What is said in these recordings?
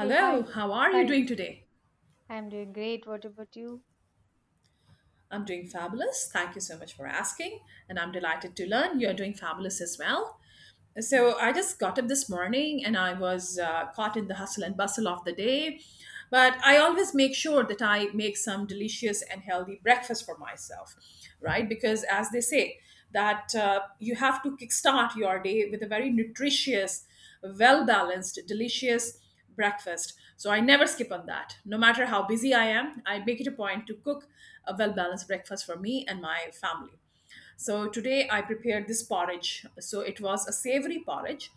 Hey, hi. how are you Hi. doing today? I'm doing great. What about you? I'm doing fabulous. Thank you so much for asking. And I'm delighted to learn you're doing fabulous as well. Yeah, So I just got up this morning and I was caught in the hustle and bustle of the day. But I always make sure that I make some delicious and healthy breakfast for myself, right? Because as they say, that you have to kickstart your day with a very nutritious, well balanced, delicious breakfast. So I never skip on that. No matter how busy I am, I make it a point to cook a well balanced breakfast for me and my family. So today I prepared this porridge. So it was a savory porridge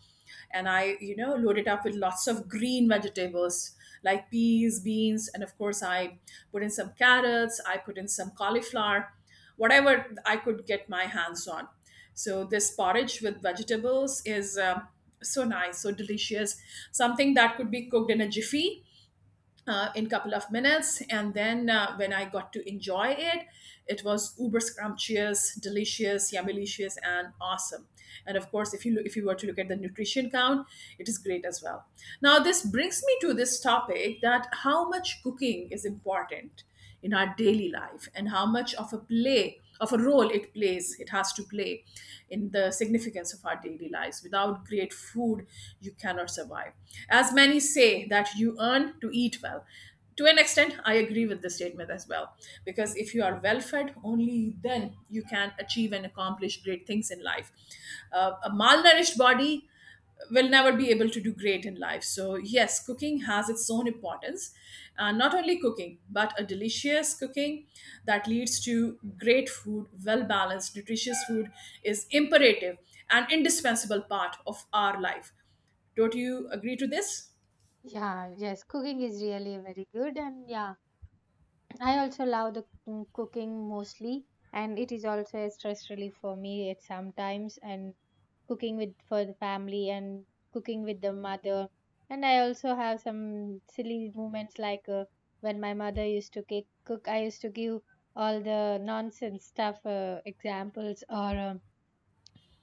and I loaded up with lots of green vegetables like peas, beans, and of course I put in some carrots, I put in some cauliflower, whatever I could get my hands on. So this porridge with vegetables is so nice, so delicious, something that could be cooked in a jiffy in a couple of minutes. And then when I got to enjoy it, it was uber scrumptious, delicious, yummy-licious and awesome. And of course, if you were to look at the nutrition count, it is great as well. Now this brings me to this topic, that how much cooking is important in our daily life, and how much of a role it has to play in the significance of our daily lives. Without great food, you cannot survive. As many say, that you earn to eat well. To an extent, I agree with the statement as well, because if you are well fed, only then you can achieve and accomplish great things in life. A malnourished body will never be able to do great in life. So, yes, cooking has its own importance. Not only cooking, but a delicious cooking that leads to great food, well balanced, nutritious food, is imperative and indispensable part of our life. Don't you agree to this? yeah, yes, cooking is really very good, and yeah, I also love the cooking mostly, and it is also a stress relief for me at sometimes, and cooking with for the family and cooking with the mother, and I also have some silly moments like when my mother used to cook, I used to give all the nonsense stuff examples or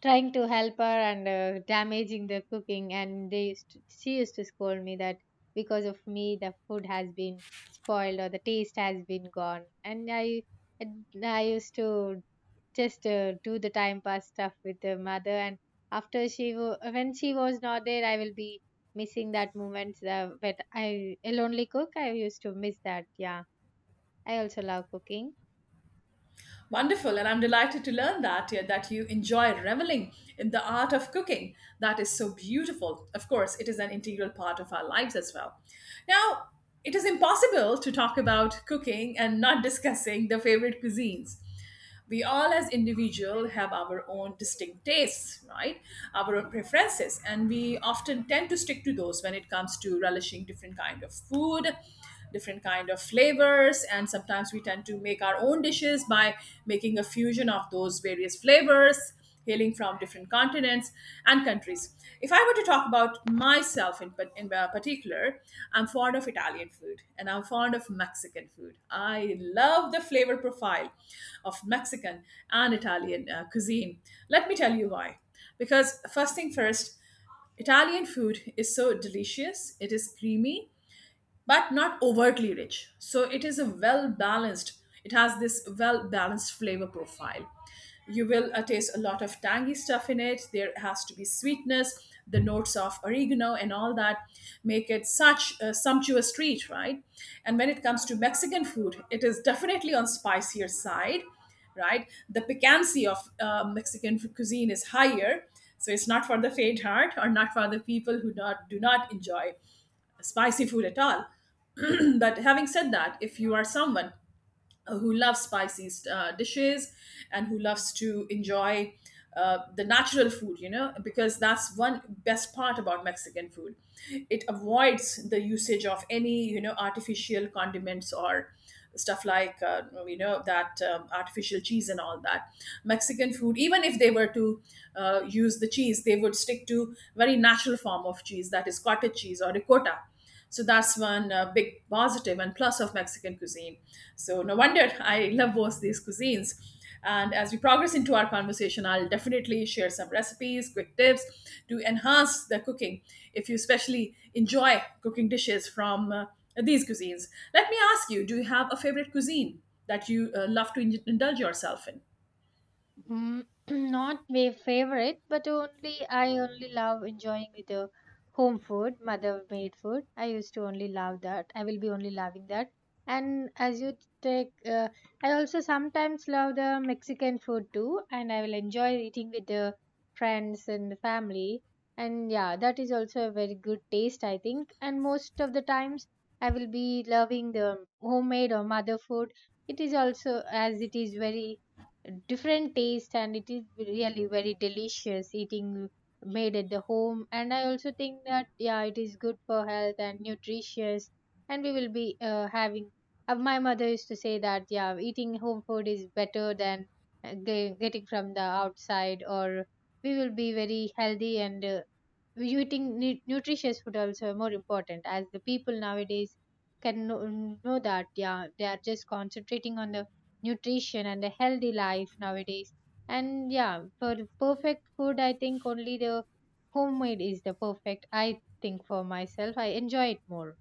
trying to help her and damaging the cooking, and she used to scold me that because of me the food has been spoiled or the taste has been gone. And I used to just do the time pass stuff with the mother, and after when she was not there, I will be missing that moment, but I will only cook. I used to miss that. Yeah, I also love cooking. Wonderful, and I'm delighted to learn that, yeah, that you enjoy reveling in the art of cooking. That is so beautiful. Of course, it is an integral part of our lives as well. Now, it is impossible to talk about cooking and not discussing the favorite cuisines. We all as individual have our own distinct tastes, right? Our own preferences, and we often tend to stick to those when it comes to relishing different kind of food, different kind of flavors. And sometimes we tend to make our own dishes by making a fusion of those various flavors hailing from different continents and countries. If I were to talk about myself in particular, I'm fond of Italian food and I'm fond of Mexican food. I love the flavor profile of Mexican and Italian cuisine. Let me tell you why. Because, first thing first, Italian food is so delicious, it is creamy, but not overtly rich. So it is a well balanced, it has this well balanced flavor profile. You will taste a lot of tangy stuff in it. There has to be sweetness, the notes of oregano and all that make it such a sumptuous treat, right? And when it comes to Mexican food, it is definitely on spicier side, right? The piquancy of Mexican cuisine is higher. So it's not for the faint heart, or not for the people who not, do not enjoy spicy food at all. But having said that, if you are someone who loves spicy dishes, and who loves to enjoy the natural food, because that's one best part about Mexican food. It avoids the usage of any artificial condiments, or stuff like that artificial cheese and all that. Mexican food, even if they were to use the cheese, they would stick to very natural form of cheese, that is cottage cheese or ricotta. So that's one big positive and plus of Mexican cuisine. So no wonder I love both these cuisines. And as we progress into our conversation, I'll definitely share some recipes, quick tips to enhance the cooking if you especially enjoy cooking dishes from these cuisines. Let me ask you, do you have a favorite cuisine that you love to indulge yourself in? Mm, Not my favorite, but only I only love enjoying with the home food, mother made food. I used to only love that. I will be only loving that. And as you take, I also sometimes love the Mexican food too, and I will enjoy eating with the friends and the family. And yeah, that is also a very good taste, I think. And most of the times, I will be loving the homemade or mother food. It is also, as it is very different taste, and it is really very delicious eating made at the home. And I also think that, yeah, it is good for health and nutritious. And we will be having, my mother used to say that, yeah, eating home food is better than getting from the outside, or we will be very healthy. And you eating nutritious food also more important, as the people nowadays can know that, yeah, they are just concentrating on the nutrition and a healthy life nowadays. And yeah, for the perfect food, I think only the homemade is the perfect. I think for myself I enjoy it more.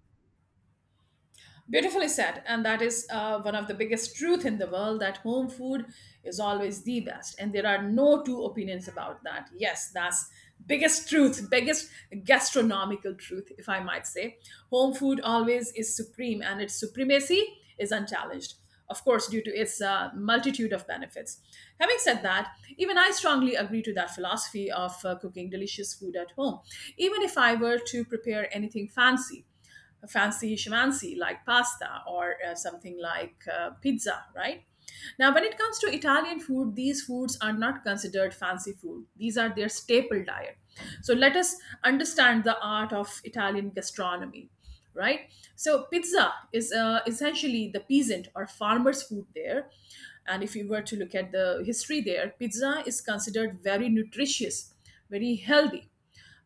Beautifully said, and that is one of the biggest truth in the world, that home food is always the best, and there are no two opinions about that. Yes, that's biggest truth, biggest gastronomical truth, if I might say. Home food always is supreme, and its supremacy is unchallenged. Of course, due to its multitude of benefits. Having said that, even I strongly agree to that philosophy of cooking delicious food at home. Even if I were to prepare anything fancy shimansi, like pasta, or something like pizza, right? Now, when it comes to Italian food, these foods are not considered fancy food. These are their staple diet. So let us understand the art of Italian gastronomy, right? So pizza is essentially the peasant or farmer's food there. And if you were to look at the history there, pizza is considered very nutritious, very healthy,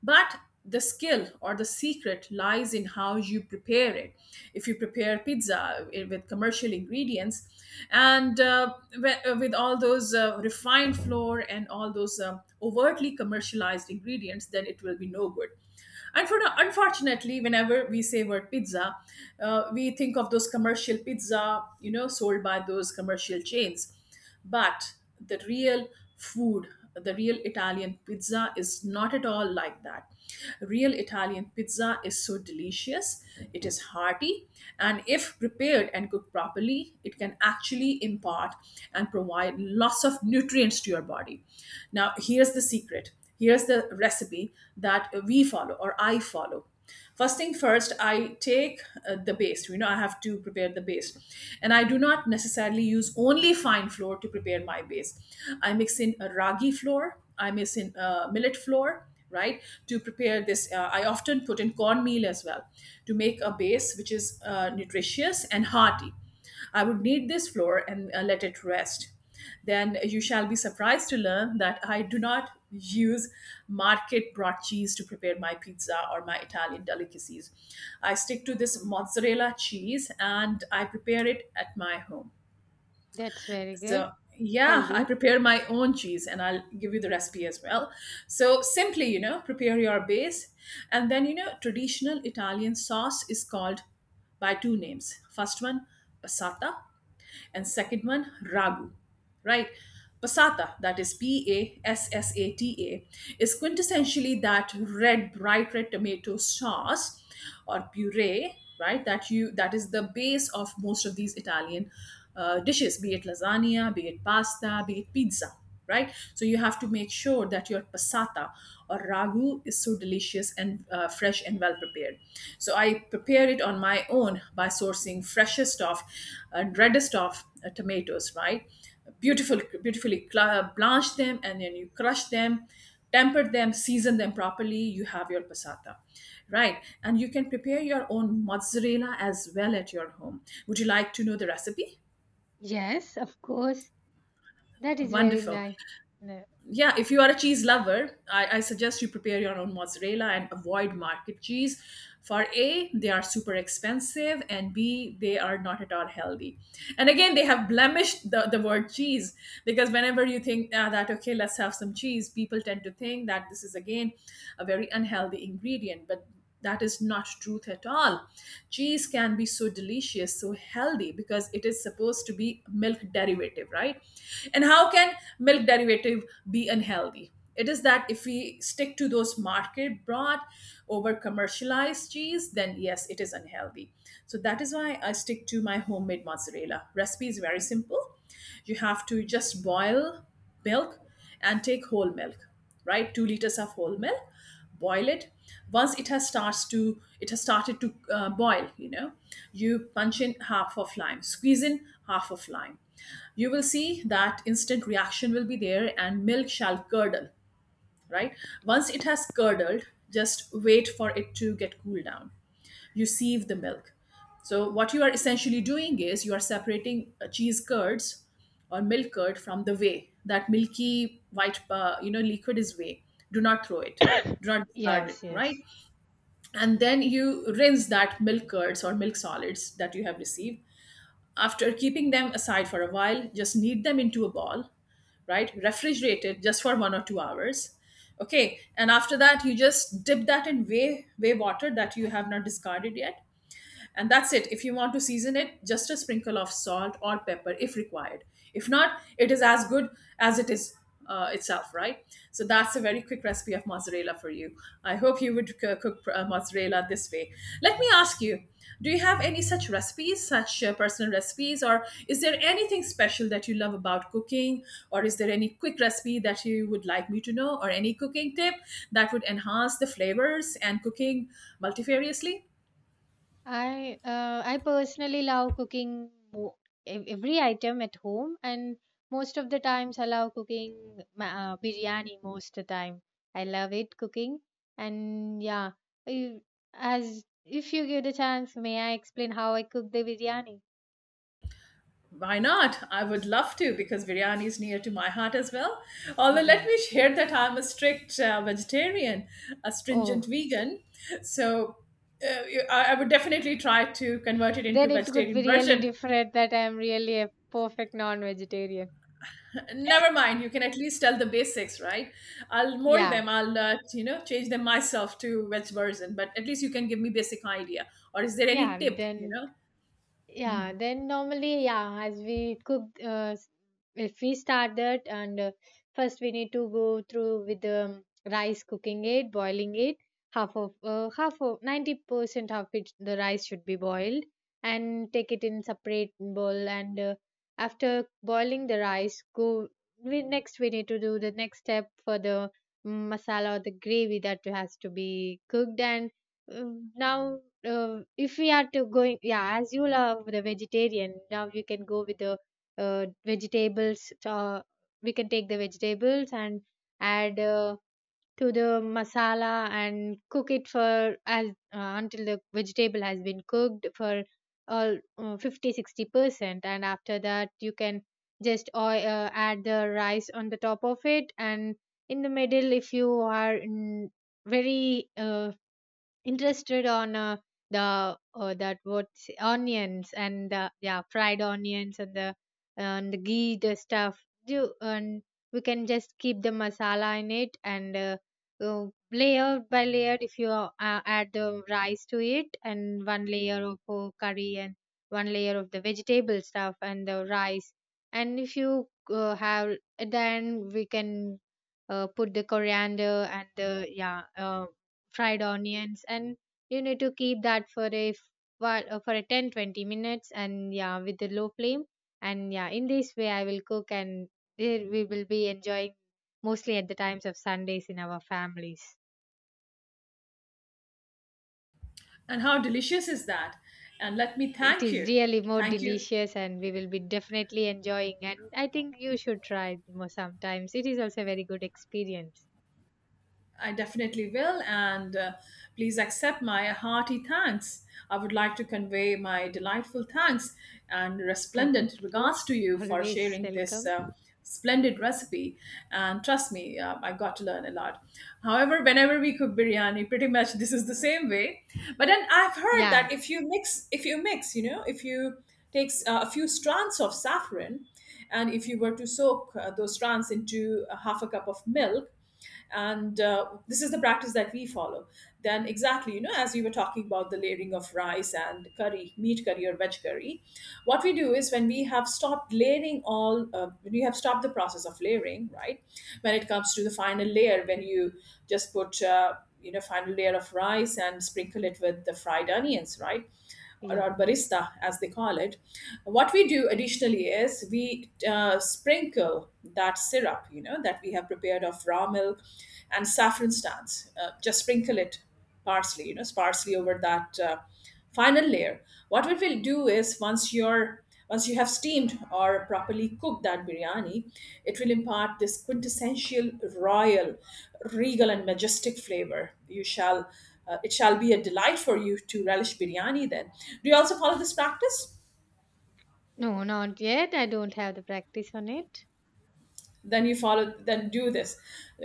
but the skill or the secret lies in how you prepare it. If you prepare pizza with commercial ingredients, and with all those refined flour, and all those overtly commercialized ingredients, then it will be no good. And for unfortunately, whenever we say word pizza, we think of those commercial pizza, sold by those commercial chains. But the real food, Italian pizza is not at all like that. Real Italian pizza is so delicious, it is hearty, and if prepared and cooked properly, it can actually impart and provide lots of nutrients to your body. Now, here's the secret. Here's the recipe that we follow, or I follow. First thing first, I take the base. I have to prepare the base, and I do not necessarily use only fine flour to prepare my base. I mix in a ragi flour, I mix in millet flour, right? To prepare this, I often put in cornmeal as well, to make a base which is nutritious and hearty. I would need this floor, and let it rest. Then you shall be surprised to learn that I do not use market brought cheese to prepare my pizza or my Italian delicacies. I stick to this mozzarella cheese, and I prepare it at my home. That's very good. So, yeah, I Healthy. prepare my own cheese, and I'll give you the recipe as well. So, simply, prepare your base. And then, traditional Italian sauce is called by two names. First one, passata, and second one, ragu, right? Passata, that is P-A-S-S-A-T-A, is quintessentially that red, bright red tomato sauce or puree, right? That is the base of most of these Italian dishes, be it lasagna, be it pasta, be it pizza, right? So you have to make sure that your passata or ragu is so delicious, and fresh and well prepared. So I prepare it on my own by sourcing freshest of, and reddest of tomatoes, right? Beautiful, beautifully blanch them, and then you crush them, temper them, season them properly. You have your passata, right? And you can prepare your own mozzarella as well at your home. Would you like to know the recipe? Yes, of course. That is very Wonderful. nice. No, Yeah, if you are a cheese lover, I suggest you prepare your own mozzarella and avoid market cheese. For A, they are super expensive, and B, they are not at all healthy. And again, they have blemished the word cheese, because whenever you think okay, let's have some cheese, people tend to think that this is again a very unhealthy ingredient. But that is not truth at all. Cheese can be so delicious, so healthy, because it is supposed to be milk derivative, right? And how can milk derivative be unhealthy? It is that if we stick to those market brought, over commercialized cheese, then yes, it is unhealthy. So that is why I stick to my homemade mozzarella. Recipe is very simple. You have to just boil milk, and take whole milk, right? 2 liters of whole milk. Boil it. Once it has started to boil, you punch in half of lime, squeeze in half of lime. You will see that instant reaction will be there, and milk shall curdle, right? Once it has curdled, just wait for it to get cooled down. You sieve the milk. So, what you are essentially doing is you are separating cheese curds or milk curd from the whey. That milky white, liquid is whey. Do not throw it. Do not discard it, yes, right? yes. And then you rinse that milk curds or milk solids that you have received. After keeping them aside for a while, just knead them into a ball, right? Refrigerated just for 1 or 2 hours. Okay. And after that, you just dip that in way water that you have not discarded yet, and that's it. If you want to season it, just a sprinkle of salt or pepper if required. If not, it is as good as it is, itself, right? So that's a very quick recipe of mozzarella for you. I hope you would cook mozzarella this way. Let me ask you, do you have any such recipes, such personal recipes, or is there anything special that you love about cooking, or is there any quick recipe that you would like me to know, or any cooking tip that would enhance the flavors and cooking multifariously? I personally love cooking every item at home, and most of the times I love cooking biryani. Most of the time, I love it cooking, and yeah, I- as if you give the chance, may I explain how I cook the biryani? Why not? I would love to because biryani is near to my heart as well. Although, let Yeah. me share that I'm a strict vegetarian, a stringent Oh, vegan. So, uh, I would definitely try to convert it into then it could be vegetarian really version. different that I'm really a perfect non-vegetarian. Never mind, you can at least tell the basics, right? I'll mold Yeah, them. I'll you know, change them myself to veg version, but at least you can give me basic idea. Or is there any yeah. tip? You Then know, Yeah, then normally, yeah, as we cook, if we start that, and first we need to go through with the rice cooking it, boiling it. Half of, 90% of it, the rice should be boiled, and take it in separate bowl. And after boiling the rice, next we need to do the next step for the masala or the gravy that has to be cooked. And now, if we are to going, yeah, as you love the vegetarian, now you can go with the vegetables. We can take the vegetables and add, to the masala, and cook it for as, until the vegetable has been cooked for all, 50 60%, and after that you can just add the rice on the top of it, and in the middle, if you are very interested on the that what's onions and yeah, fried onions and the ghee, the stuff do, and we can just keep the masala in it, and uh, layer by layer, if you add the rice to it and one layer of curry and one layer of the vegetable stuff and the rice, and if you have, then we can put the coriander and the, yeah, fried onions, and you need to keep that for a 10-20 minutes, and yeah, with the low flame. And yeah, in this way I will cook, and there we will be enjoying mostly at the times of Sundays in our families. and how delicious is that? And let me It thank is you, really more thank you. delicious and we will be definitely enjoying, and I think you should try it more sometimes. It is also a very good experience. I definitely will, and please accept my hearty thanks. I would like to convey my delightful thanks and Thank resplendent you. regards to you for Always sharing this welcome. Splendid recipe. And trust me, I got to learn a lot. However, whenever we cook biryani, pretty much this is the same way. But then I've heard that Yeah, if you mix, you know, if you take a few strands of saffron, and if you were to soak those strands into a half a cup of milk, and this is the practice that we follow. Then exactly, you know, as we were talking about the layering of rice and curry, meat curry or veg curry, what we do is when we have stopped layering all, when you have stopped the process of layering, right, when it comes to the final layer, when you just put you know, final layer of rice and sprinkle it with the fried onions, right, or yeah. our barista, as they call it, what we do additionally is we sprinkle that syrup, you know, that we have prepared of raw milk and saffron stands, just sprinkle it parsley, you know, sparsely over that final layer. What we will do is once you have steamed or properly cooked that biryani, it will impart this quintessential royal, regal, and majestic flavor. You shall, it shall be a delight for you to relish biryani. Then, do you also follow this practice? No, not yet, I don't have the practice on it. Then you follow, then do this.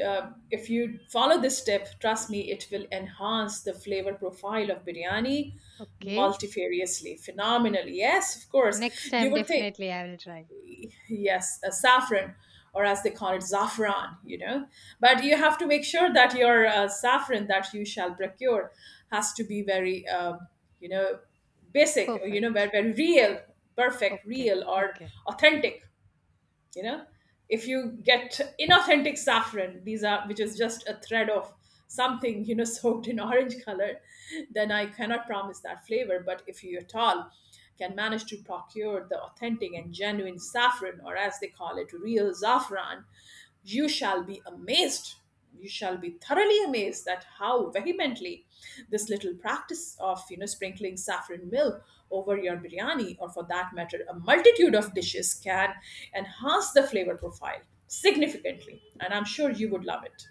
If you follow this step, trust me, it will enhance the flavor profile of biryani Okay. multifariously, phenomenally. Yes, of course. Next You time, would think definitely I will try. yes, saffron, or as they call it, saffron, you know. But you have to make sure that your saffron that you shall procure has to be very, you know, basic, or, you know, very, Perfect. very real, perfect, Okay. real, or Okay. authentic, you know. If you get inauthentic saffron, these are which is just a thread of something, you know, soaked in orange color, then I cannot promise that flavor. But if you at all can manage to procure the authentic and genuine saffron, or as they call it, real saffron, you shall be amazed. You shall be thoroughly amazed at how vehemently this little practice of, you know, sprinkling saffron milk over your biryani, or for that matter, a multitude of dishes, can enhance the flavor profile significantly, and I'm sure you would love it.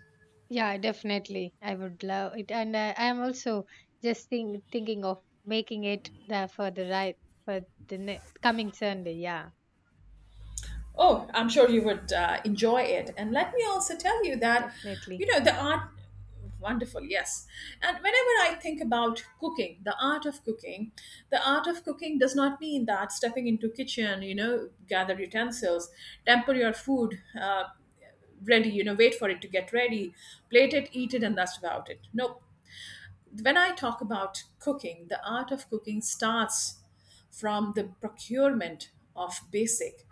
Yeah, definitely. I would love it, and I am also just thinking of making it the, for the right for the ne- coming Sunday. Yeah, Oh, I'm sure you would enjoy it. And let me also tell you that, you definitely. know, the art, wonderful, yes. And whenever I think about cooking, the art of cooking, the art of cooking does not mean that stepping into kitchen, you know, gather utensils, temper your food, ready, you know, wait for it to get ready, plate it, eat it, and that's about it. Nope. When I talk about cooking, the art of cooking starts from the procurement of basic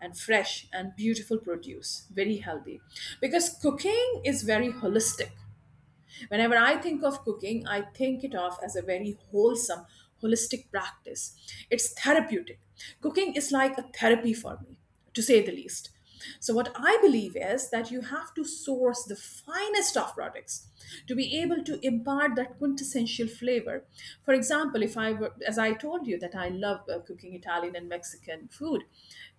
and fresh and beautiful produce, very healthy. Because cooking is very holistic. Whenever I think of cooking, I think it of as a very wholesome, holistic practice. It's therapeutic. Cooking is like a therapy for me, to say the least. So, what I believe is that you have to source the finest of products to be able to impart that quintessential flavor. For example, if I were, as I told you, that I love cooking Italian and Mexican food,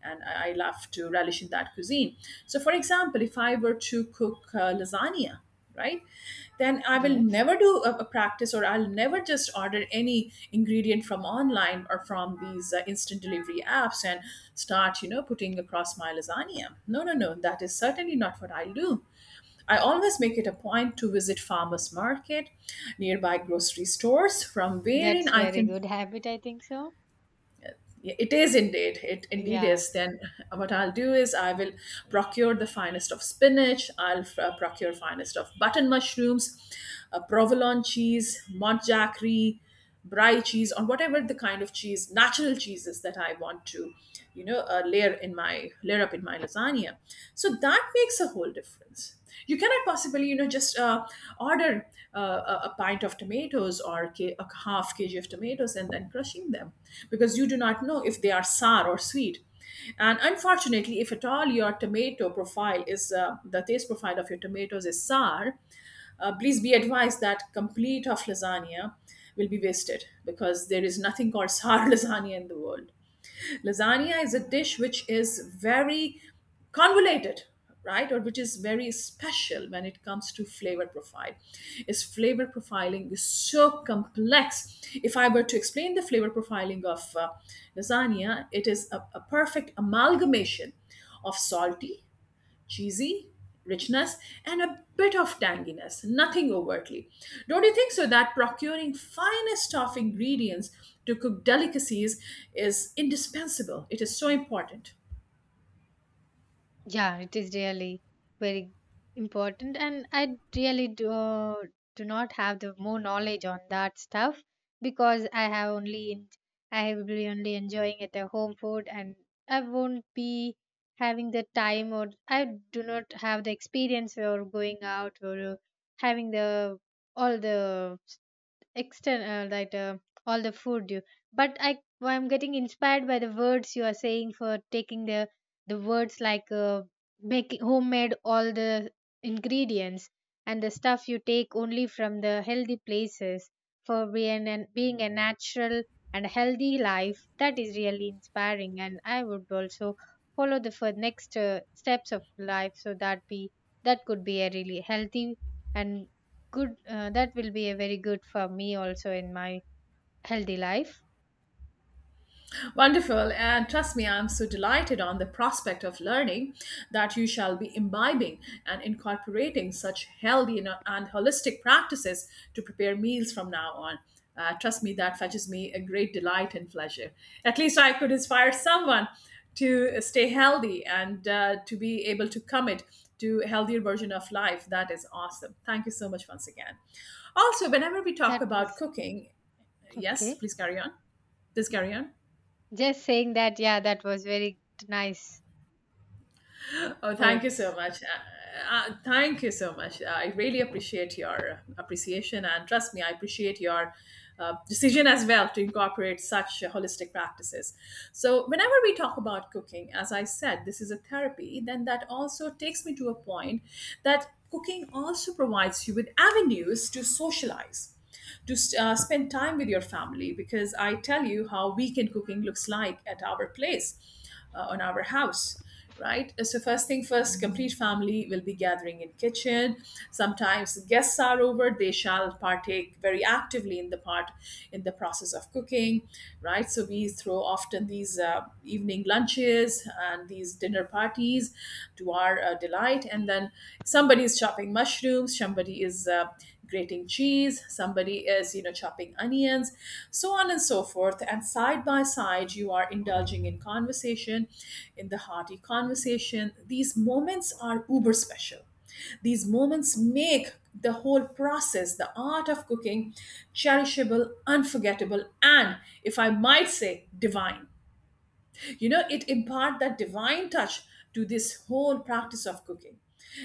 and I love to relish in that cuisine. So, for example, if I were to cook lasagna, right, then I will Yes. never do a practice, or I'll never just order any ingredient from online or from these instant delivery apps and start, you know, putting across my lasagna. No, no, no, that is certainly not what I'll do. I always make it a point to visit farmers market, nearby grocery stores from wherein That's I very can, good habit. I think so. yeah, it is indeed. It indeed Yeah. is. Then what I'll do is I will procure the finest of spinach. I'll procure finest of button mushrooms, provolone cheese, montjacry, brie cheese, or whatever the kind of cheese, natural cheeses that I want to, you know, layer up in my lasagna. Tanzania. So that makes a whole difference. You cannot possibly, you know, just order a pint of tomatoes or a half kg of tomatoes and then crushing them, because you do not know if they are sour or sweet. And unfortunately, if at all your tomato profile is the taste profile of your tomatoes is sour, please be advised that complete of lasagna will be wasted because there is nothing called sour lasagna in the world. Lasagna is a dish which is very convoluted, right? Or which is very special when it comes to flavor profile. Its flavor profiling is so complex. If I were to explain the flavor profiling of lasagna, it is a perfect amalgamation of salty, cheesy, richness, and a bit of tanginess, nothing overtly. Don't you think so that procuring finest of ingredients to cook delicacies is indispensable? It is so important. Yeah, it is really very important, and I really do not have the more knowledge on that stuff, because I have only I will be only enjoying at the home food, and I won't be having the time, or I do not have the experience or going out, or having the all the external, that, all the food you. But I'm getting inspired by the words you are saying, for taking the words, like making homemade all the ingredients, and the stuff you take only from the healthy places, for being and being a natural and healthy life. That is really inspiring, and I would also follow the for next steps of life, so that be that could be a really healthy and good. That will be a very good for me also in my healthy life. Wonderful. And trust me, I'm so delighted on the prospect of learning that you shall be imbibing and incorporating such healthy and holistic practices to prepare meals from now on. Trust me, that fetches me a great delight and pleasure. At least I could inspire someone to stay healthy and to be able to commit to a healthier version of life. That is awesome. Thank you so much once again. Also, whenever we talk That about was. cooking, yes, Okay. please carry on. Please carry on. Just saying that, yeah, that was very nice Oh, thank you so words. much. Thank you so much. I really appreciate your appreciation, and trust me, I appreciate your decision as well to incorporate such holistic practices. So, whenever we talk about cooking, as I said, this is a therapy, then that also takes me to a point that cooking also provides you with avenues to socialize to spend time with your family, because I tell you how weekend cooking looks like at our place, on our house, right. So first thing first, complete family will be gathering in kitchen. Sometimes guests are over, they shall partake very actively in the part in the process of cooking, right. So we throw often these evening lunches and these dinner parties to our delight. And then somebody is chopping mushrooms, somebody is grating cheese, somebody is, you know, chopping onions, so on and so forth. And side by side, you are indulging in conversation, in the hearty conversation. These moments are uber special. These moments make the whole process, the art of cooking, cherishable, unforgettable, and if I might say, divine. You know, it imparts that divine touch to this whole practice of cooking,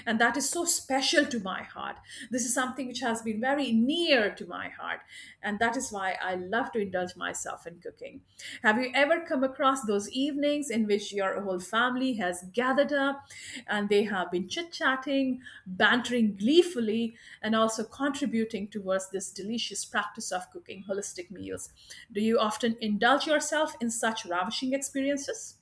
and that is so special to my heart. This is something which has been very near to my heart, and that is why I love to indulge myself in cooking. Have you ever come across those evenings in which your whole family has gathered up and they have been chit chatting, bantering gleefully, and also contributing towards this delicious practice of cooking holistic meals. Do you often indulge yourself in such ravishing experiences?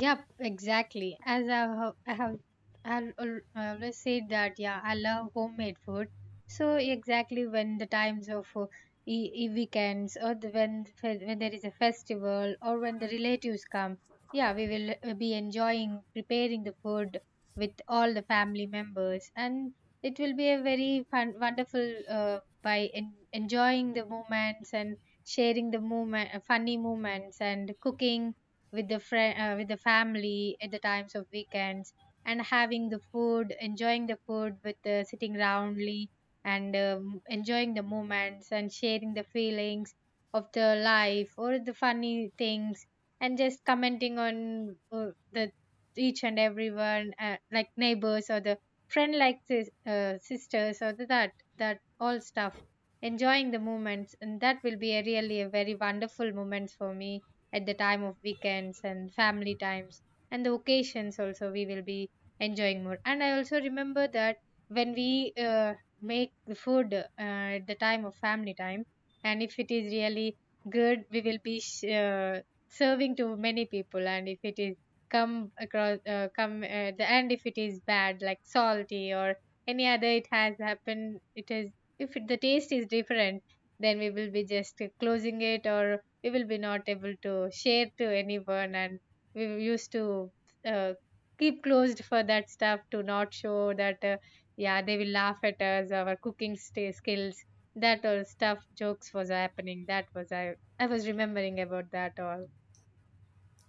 Yep, exactly. As I have, I have, I have al- always said that, yeah, I love homemade food. So exactly when the times of weekends, or the, when the fe- when there is a festival, or when the relatives come, yeah, we will be enjoying preparing the food with all the family members, and it will be a very fun, wonderful, enjoying the moments and sharing the moment, funny moments, and cooking with the family at the times of weekends, and having the food, enjoying the food with, sitting roundly, and enjoying the moments and sharing the feelings of the life or the funny things, and just commenting on the each and everyone, like neighbors or the friend, like sisters, or the, that that all stuff, enjoying the moments. And that will be a really a very wonderful moments for me at the time of weekends and family times and the occasions also. We will be enjoying more. And I also remember that when we make the food at the time of family time, and if it is really good, we will be serving to many people. And if it is, come across, come, the end, if it is bad like salty or any other, it has happened. It is, if it, the taste is different, then we will be just closing it, or we will be not able to share to anyone. And we used to uh, keep closed for that stuff, to not show that, yeah, they will laugh at us, our cooking sta skills, that or stuff, jokes was happening. That was, I was remembering about that all.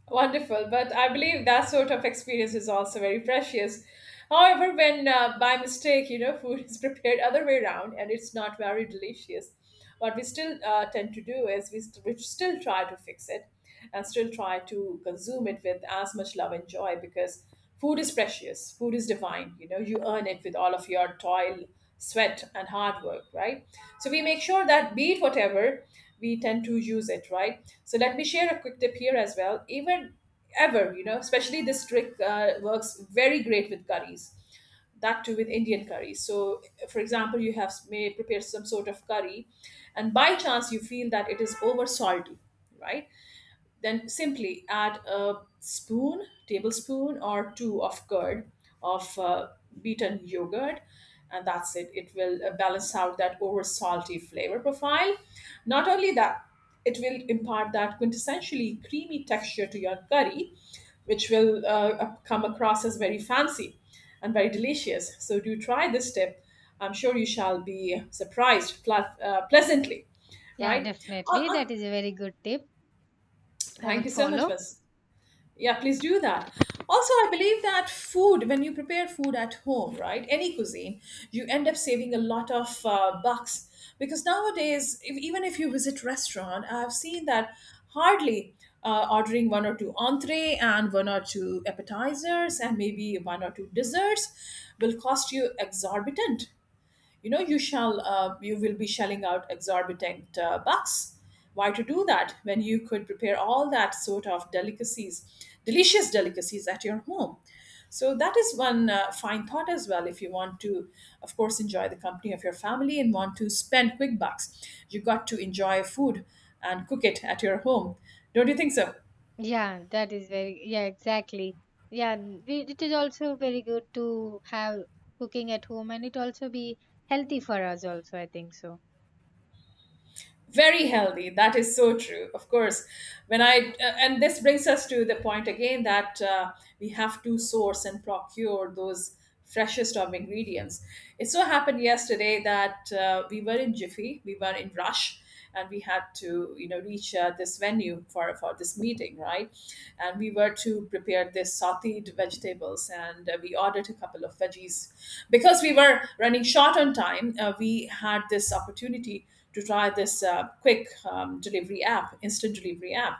Wonderful, but I believe that sort of experience is also very precious. However, when by mistake, you know, food is prepared other way around and it's not very delicious, what we still tend to do is we still try to fix it and still try to consume it with as much love and joy because food is precious. Food is divine. You know, you earn it with all of your toil, sweat, and hard work, right? So we make sure that be it whatever, we tend to use it, right? So let me share a quick tip here as well. Even ever, you know, especially this trick works very great with curries. That too with Indian curries. So, for example, you have may prepare some sort of curry, and by chance you feel that it is over salty, right? Then simply add a spoon, tablespoon or two of curd of beaten yogurt, and that's it. It will balance out that over salty flavor profile. Not only that, it will impart that quintessentially creamy texture to your curry, which will come across as very fancy and very delicious. So do try this tip. I'm sure you shall be surprised pleasantly, Yeah, right? On, definitely, on, that is a very good tip. I thank would you so much follow. for yeah, please do that. Also, I believe that food, when you prepare food at home, right, any cuisine, you end up saving a lot of bucks because nowadays, if, even if you visit restaurant, I've seen that hardly ordering one or two entree and one or two appetizers and maybe one or two desserts will cost you exorbitant. You know, you shall you will be shelling out exorbitant bucks. Why to do that when you could prepare all that sort of delicacies delicious delicacies at your home? So that is one fine thought as well. If you want to of course enjoy the company of your family and want to spend quick bucks, you got to enjoy food and cook it at your home. Don't you think so? Yeah, that is very, yeah, exactly. Yeah, and we, it is also very good to have cooking at home, and it also be healthy for us also, I think so. Very healthy, that is so true. Of course, when I and this brings us to the point again that we have to source and procure those freshest of ingredients. It so happened yesterday that we were in rush, and we had to, you know, reach this venue for this meeting, right? And we were to prepare this sauteed vegetables, and we ordered a couple of veggies because we were running short on time. We had this opportunity to try this quick delivery app, instant delivery app.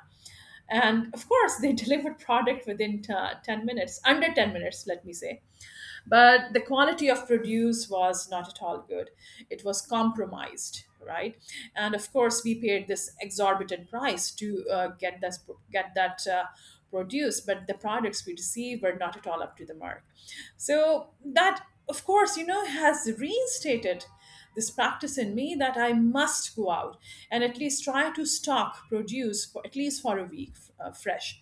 And of course, they delivered product within 10 minutes, under 10 minutes, let me say. But the quality of produce was not at all good. It was compromised, right? And of course we paid this exorbitant price to get that produce, but the products we received were not at all up to the mark. So that of course, you know, has reinstated this practice in me that I must go out and at least try to stock produce for at least for a week, fresh.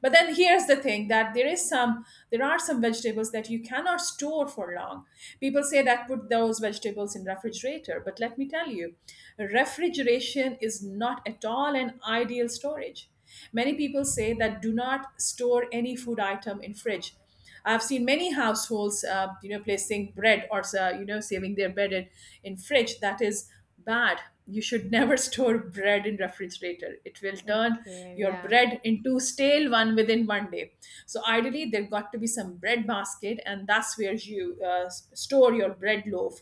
But then here's the thing that there are some vegetables that you cannot store for long. People say that put those vegetables in refrigerator, but let me tell you, refrigeration is not at all an ideal storage. Many people say that do not store any food item in fridge. I've seen many households, you know, placing bread or you know, saving their bread in fridge. That is bad. You should never store bread in refrigerator. It will turn Okay, your yeah. bread into stale one within one day. So ideally, there got to be some bread basket, and that's where you store your bread loaf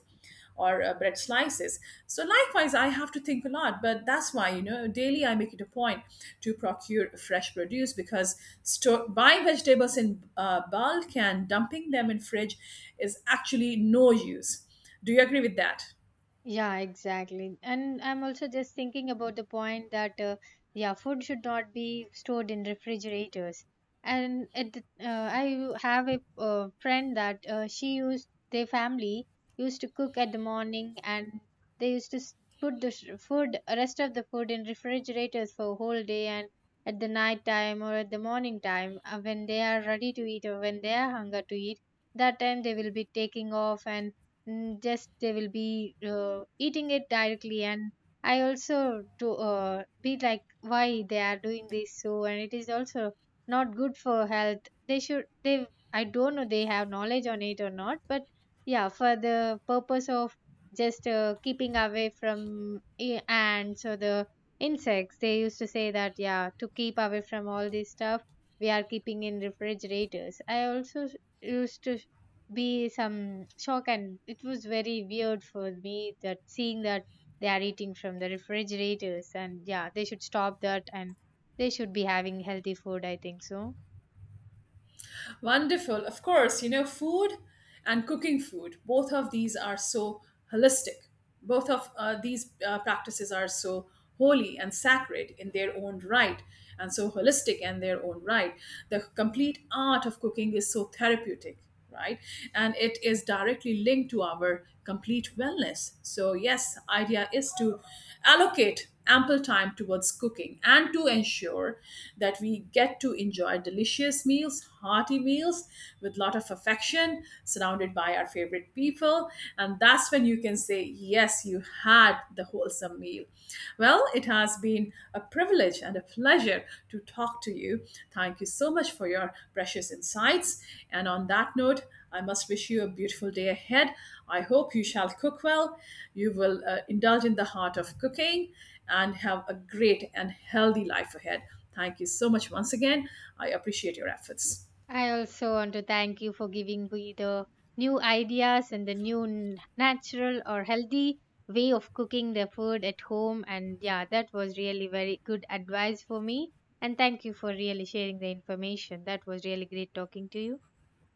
or bread slices. So likewise, I have to think a lot, but that's why, you know, daily I make it a point to procure fresh produce because store, buying vegetables in bulk and dumping them in fridge is actually no use. Do you agree with that? Yeah, exactly. And I'm also just thinking about the point that, yeah, food should not be stored in refrigerators. And it, uh, I have a friend that she used their family used to cook at the morning, and they used to put the sh- food rest of the food in refrigerators for a whole day. And at the night time or at the morning time, when they are ready to eat or when they are hunger to eat, that time they will be taking off, and just they will be eating it directly. And I also do, be like, why they are doing this so, and it is also not good for health. They should, they, I don't know they have knowledge on it or not, but yeah, for the purpose of just keeping away from ants or the insects, they used to say that, yeah, to keep away from all this stuff we are keeping in refrigerators. I also used to be some shock, and it was very weird for me that, seeing that they are eating from the refrigerators. And yeah, they should stop that and they should be having healthy food, I think so. Wonderful. Of course, you know, food and cooking food, both of these are so holistic. Both of these practices are so holy and sacred in their own right, and so holistic in their own right. The complete art of cooking is so therapeutic, right? And it is directly linked to our complete wellness. So, yes, idea is to allocate ample time towards cooking and to ensure that we get to enjoy delicious meals, hearty meals with lot of affection, surrounded by our favorite people. And that's when you can say, yes, you had the wholesome meal. Well, it has been a privilege and a pleasure to talk to you. Thank you so much for your precious insights. And on that note, I must wish you a beautiful day ahead. I hope you shall cook well, you will indulge in the heart of cooking, and have a great and healthy life ahead. Thank you so much once again. I appreciate your efforts. I also want to thank you for giving me the new ideas and the new natural or healthy way of cooking the food at home, and yeah, that was really very good advice for me, and thank you for really sharing the information. That was really great talking to you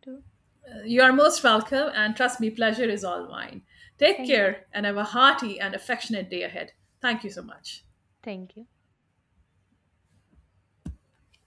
too. You are most welcome, and trust me, pleasure is all mine. Take Thank you. care and have a hearty and affectionate day ahead. Thank you so much. Thank you.